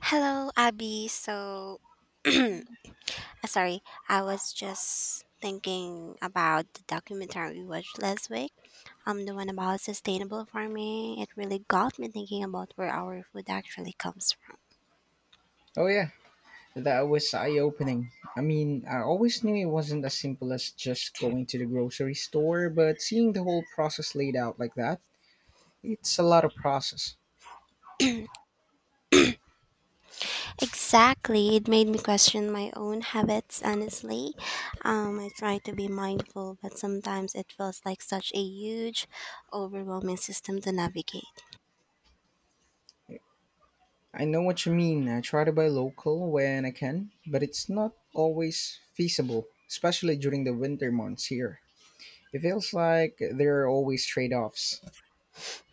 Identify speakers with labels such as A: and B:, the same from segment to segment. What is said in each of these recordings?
A: Hello, Abby. So, uh, sorry, I was just thinking about the documentary we watched last week. The one about sustainable farming. It really got me thinking about where our food actually comes from.
B: Oh yeah, that was eye-opening. I mean, I always knew it wasn't as simple as just going to the grocery store, but seeing the whole process laid out like that, it's a lot of process.
A: Exactly, it made me question my own habits. Honestly, I try to be mindful, but sometimes it feels like such a huge, overwhelming system to navigate.
B: I know what you mean. I try to buy local when I can, but it's not always feasible, especially during the winter months here. It feels like there are always trade-offs.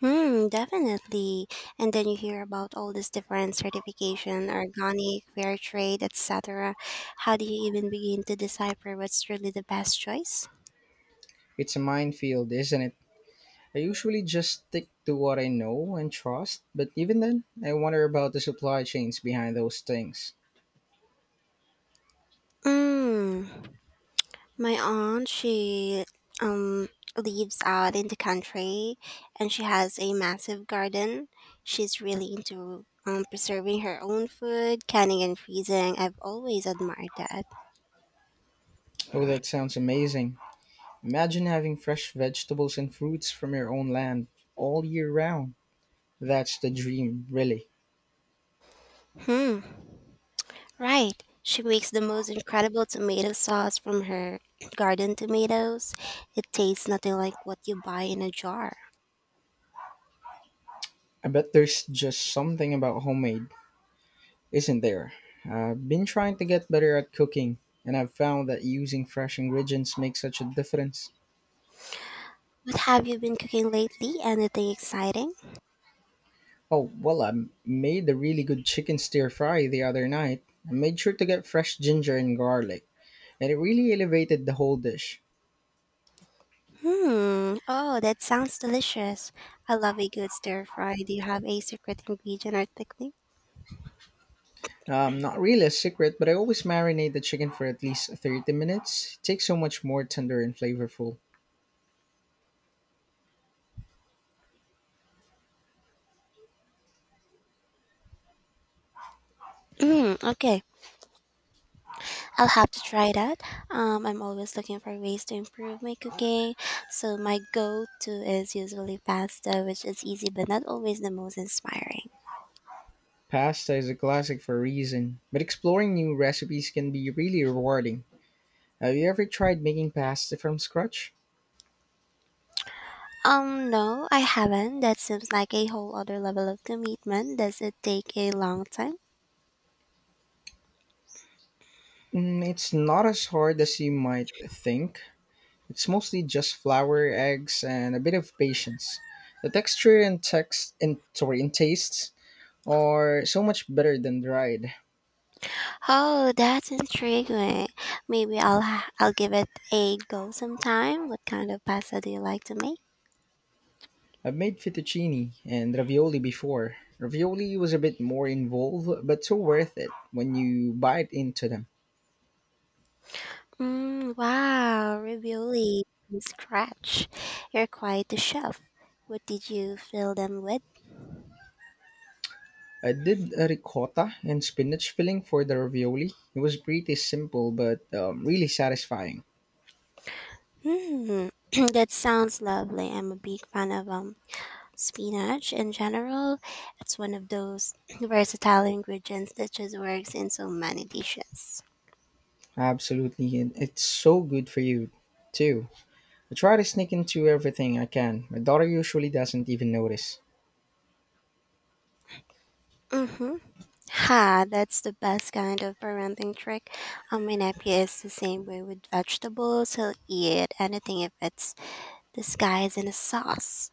A: Hmm, definitely. And then you hear about all this different certification, organic, fair trade, etc. How do you even begin to decipher what's really the best choice?
B: It's a minefield, isn't it? I usually just stick to what I know and trust, but even then, I wonder about the supply chains behind those things.
A: Mm, my aunt, she um lives out in the country and she has a massive garden. She's really into preserving her own food, canning and freezing. I've always admired that.
B: Oh, that sounds amazing. Imagine having fresh vegetables and fruits from your own land all year round. That's the dream, really.
A: Hmm. Right. She makes the most incredible tomato sauce from her garden tomatoes. It tastes nothing like what you buy in a jar.
B: I bet there's just something about homemade, isn't there? I've been trying to get better at cooking, and I've found that using fresh ingredients makes such a difference.
A: What have you been cooking lately? Anything exciting?
B: Oh, well, I made a really good chicken stir fry the other night. I made sure to get fresh ginger and garlic, and it really elevated the whole dish.
A: Hmm. Oh, that sounds delicious. I love a good stir fry. Do you have a secret ingredient or technique?
B: Not really a secret, but I always marinate the chicken for at least 30 minutes. It takes so much more tender and flavorful.
A: Mm, okay, I'll have to try that. I'm always looking for ways to improve my cooking, so my go-to is usually pasta, which is easy but not always the most inspiring.
B: Pasta is a classic for a reason, but exploring new recipes can be really rewarding. Have you ever tried making pasta from scratch?
A: No, I haven't. That seems like a whole other level of commitment. Does it take a long time?
B: Mm, it's not as hard as you might think. It's mostly just flour, eggs, and a bit of patience. The texture and text and sorry, and tastes are so much better than dried.
A: Oh, that's intriguing. Maybe I'll give it a go sometime. What kind of pasta do you like to make?
B: I've made fettuccine and ravioli before. Ravioli was a bit more involved, but so worth it when you bite into them.
A: Mm, wow, ravioli from scratch. You're quite the chef. What did you fill them with?
B: I did a ricotta and spinach filling for the ravioli. It was pretty simple, but really satisfying.
A: Hmm, that sounds lovely. I'm a big fan of spinach, in general, it's one of those versatile ingredients that just works in so many dishes.
B: Absolutely, and it's so good for you too. I try to sneak into everything I can. My daughter usually doesn't even notice.
A: Mm-hmm. Ha, that's the best kind of parenting trick. My nephew is the same way with vegetables. He'll eat anything if it's disguised in a sauce.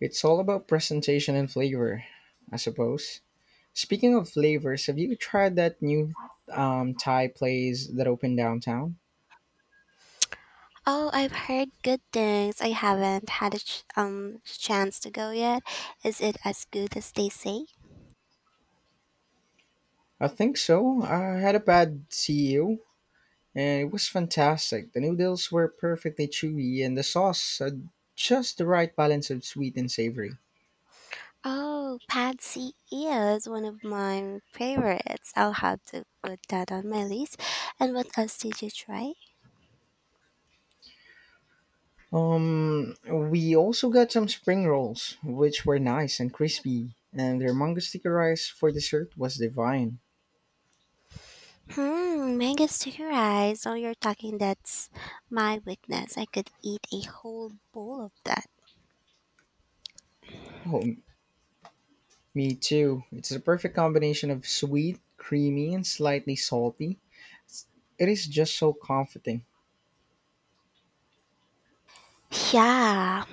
B: It's all about presentation and flavor, I suppose. Speaking of flavors, have you tried that new Thai place that opened downtown?
A: Oh, I've heard good things. I haven't had a chance to go yet. Is it as good as they say?
B: I think so. I had a bad CEO, and it was fantastic. The noodles were perfectly chewy, and the sauce had just the right balance of sweet and savory.
A: Oh, Patsy is one of my favorites. I'll have to put that on my list. And what else did you try?
B: We also got some spring rolls, which were nice and crispy, and their mango sticky rice for dessert was divine.
A: Hmm, mango sticker rice. Oh, you're talking that's my weakness. I could eat a whole bowl of that.
B: Oh, me too. It's a perfect combination of sweet, creamy, and slightly salty. It's- It is just so comforting.
A: Yeah,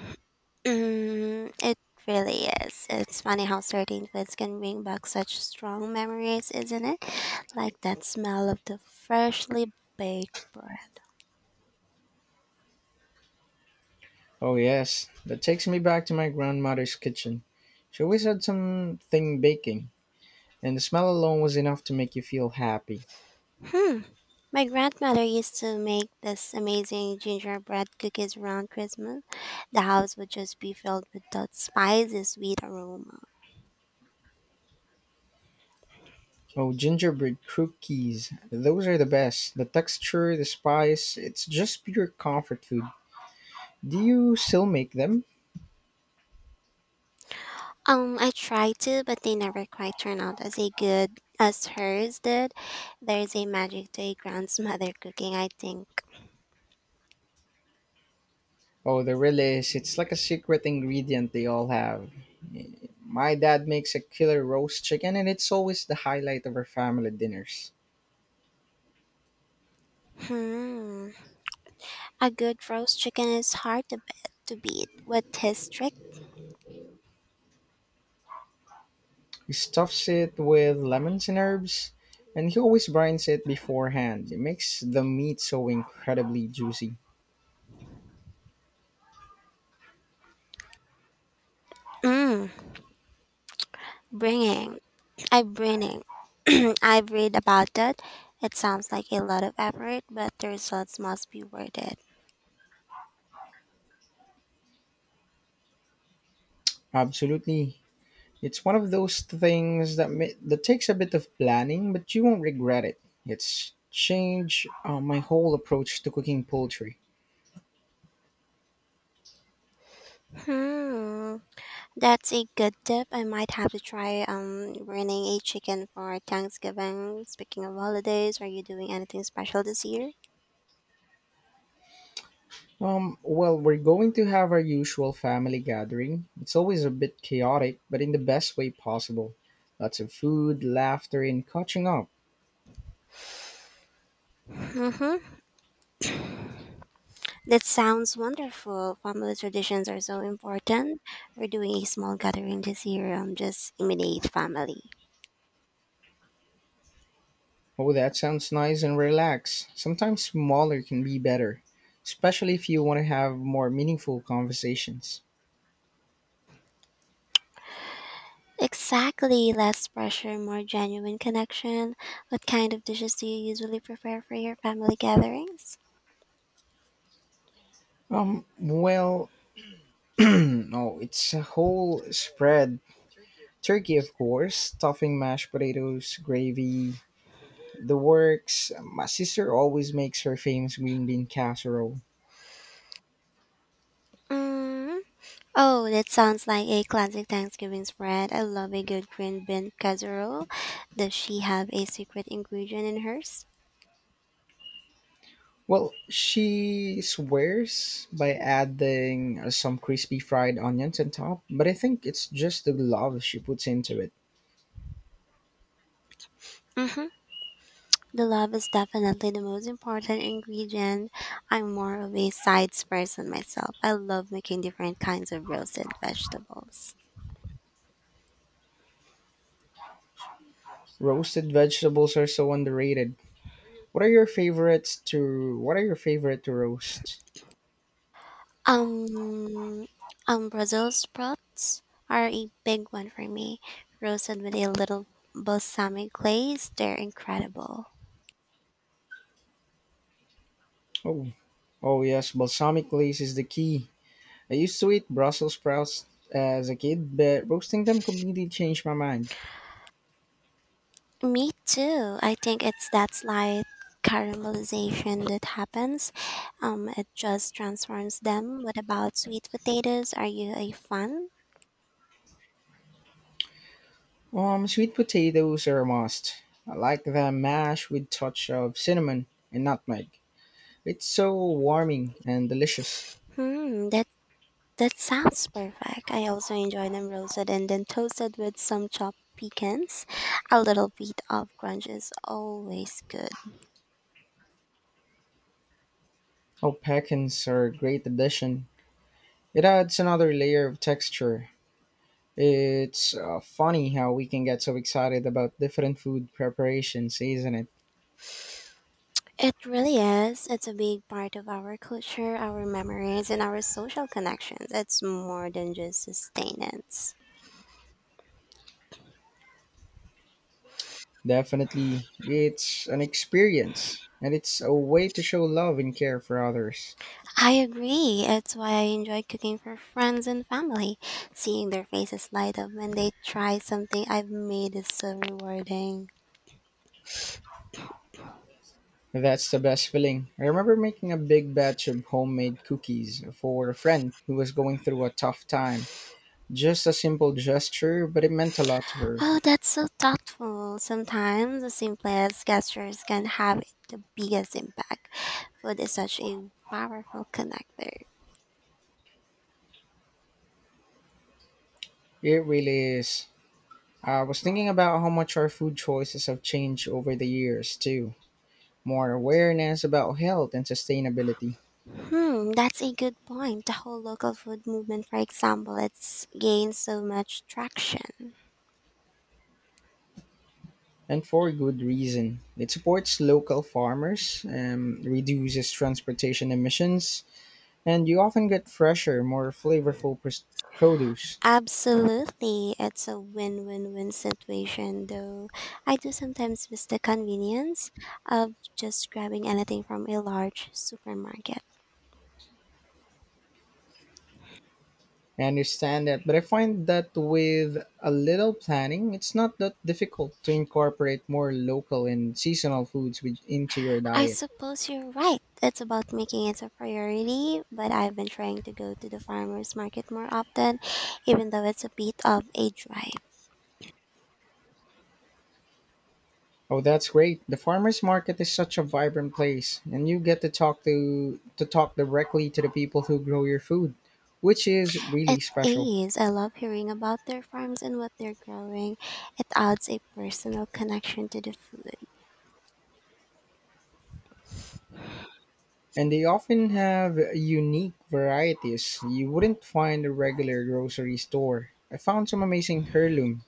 A: mm, it really is. It's funny how certain foods can bring back such strong memories, isn't it? Like that smell of the freshly baked bread.
B: Oh, yes, that takes me back to my grandmother's kitchen. She always had something baking, and the smell alone was enough to make you feel happy.
A: Hmm. My grandmother used to make this amazing gingerbread cookies around Christmas. The house would just be filled with that spicy sweet aroma.
B: Oh, gingerbread cookies. Those are the best. The texture, the spice, it's just pure comfort food. Do you still make them?
A: I tried to, but they never quite turned out as a good as hers did. There's a magic to a grandmother cooking, I think.
B: Oh, there really is. It's like a secret ingredient they all have. My dad makes a killer roast chicken, and it's always the highlight of our family dinners.
A: Hmm. A good roast chicken is hard to, to beat. What his trick?
B: He stuffs it with lemons and herbs, and he always brines it beforehand. It makes the meat so incredibly juicy.
A: Mmm, bringing. I've reading. I've read about that. It sounds like a lot of effort, but the results must be worth it.
B: Absolutely. It's one of those things that that takes a bit of planning, but you won't regret it. It's changed my whole approach to cooking poultry.
A: Hmm. That's a good tip. I might have to try running a chicken for Thanksgiving. Speaking of holidays, are you doing anything special this year?
B: We're going to have our usual family gathering. It's always a bit chaotic, but in the best way possible. Lots of food, laughter, and catching up.
A: Mm-hmm. That sounds wonderful. Family traditions are so important. We're doing a small gathering this year, just immediate family.
B: Oh, that sounds nice and relaxed. Sometimes smaller can be better, especially if you want to have more meaningful conversations.
A: Exactly, less pressure, more genuine connection. What kind of dishes do you usually prepare for your family gatherings?
B: Um, well, no, it's a whole spread. Turkey, of course, stuffing, mashed potatoes, gravy, the works. My sister always makes her famous green bean casserole.
A: Mm. Oh, that sounds like a classic Thanksgiving spread. I love a good green bean casserole. Does she have a secret ingredient in hers?
B: Well, she swears by adding some crispy fried onions on top, but I think it's just the love she puts into it.
A: Mm-hmm. The love is definitely the most important ingredient. I'm more of a sides person myself. I love making different kinds of roasted vegetables.
B: Roasted vegetables are so underrated. What are your favorite to roast?
A: Um, Brussels sprouts are a big one for me. Roasted with a little balsamic glaze, they're incredible.
B: Oh, oh yes, balsamic glaze is the key. I used to eat Brussels sprouts as a kid, but roasting them completely changed my mind.
A: Me too. I think it's that slight caramelization that happens. It just transforms them. What about sweet potatoes? Are you a fan?
B: Sweet potatoes are a must. I like them mashed with touch of cinnamon and nutmeg. It's so warming and delicious.
A: Hmm, that sounds perfect. I also enjoy them roasted and then toasted with some chopped pecans. A little bit of crunch is always good.
B: Oh, pecans are a great addition. It adds another layer of texture. It's funny how we can get so excited about different food preparations, isn't it?
A: It really is. It's a big part of our culture, our memories, and our social connections. It's more than just sustenance.
B: Definitely, it's an experience and it's a way to show love and care for others.
A: I agree. It's why I enjoy cooking for friends and family. Seeing their faces light up when they try something I've made is so rewarding.
B: That's the best feeling. I remember making a big batch of homemade cookies for a friend who was going through a tough time. Just a simple gesture, but it meant a lot to her.
A: Oh, that's so thoughtful. Sometimes the simplest gestures can have the biggest impact. Food is such a powerful connector.
B: It really is. I was thinking about how much our food choices have changed over the years, too. More awareness about health and sustainability,
A: Hmm, that's a good point. The whole local food movement, for example, it's gained so much traction.
B: and for good reason. It supports local farmers, reduces transportation emissions, and you often get fresher, more flavorful produce.
A: Absolutely, it's a win win win situation, though I do sometimes miss the convenience of just grabbing anything from a large supermarket.
B: I understand that, but I find that with a little planning, it's not that difficult to incorporate more local and seasonal foods into your
A: I
B: diet.
A: suppose you're right. It's about making it a priority, but I've been trying to go to the farmers market more often, even though it's a bit of a drive.
B: Oh, that's great. The farmers market is such a vibrant place, and you get to talk directly to the people who grow your food, which is
A: It
B: really special.
A: is. I love hearing about their farms and what they're growing. It adds a personal connection to the food.
B: And they often have unique varieties you wouldn't find a regular grocery store. I found some amazing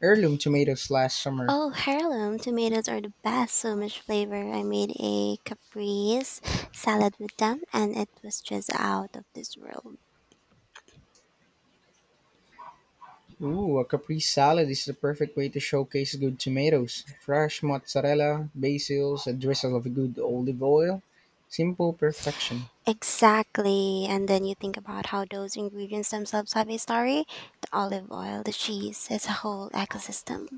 B: heirloom tomatoes last summer.
A: Oh, heirloom tomatoes are the best. So much flavor. I made a caprese salad with them, and it was just out of this world.
B: Ooh, a caprese salad is the perfect way to showcase good tomatoes. Fresh mozzarella, basils, a drizzle of good olive oil. Simple perfection.
A: Exactly. And then you think about how those ingredients themselves have a story. The olive oil, the cheese, it's a whole ecosystem.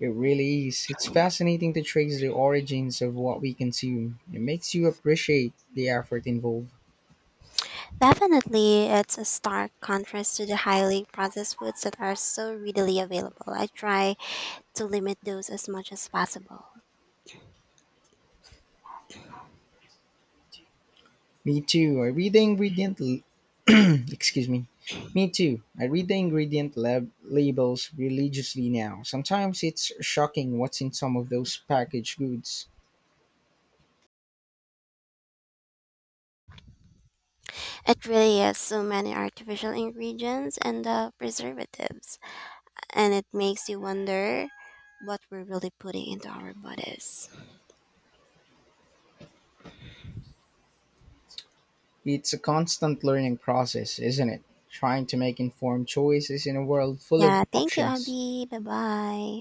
B: It really is. It's fascinating to trace the origins of what we consume. It makes you appreciate the effort involved.
A: Definitely, it's a stark contrast to the highly processed foods that are so readily available. I try to limit those as much as possible.
B: Me too. I read the ingredient. L- Excuse me. Me too. I read the ingredient labels religiously now. Sometimes it's shocking what's in some of those packaged goods.
A: It really has so many artificial ingredients and preservatives, and it makes you wonder what we're really putting into our bodies.
B: It's a constant learning process, isn't it? Trying to make informed choices in a world full of
A: Yeah, thank you,
B: options.
A: Abby. Bye bye.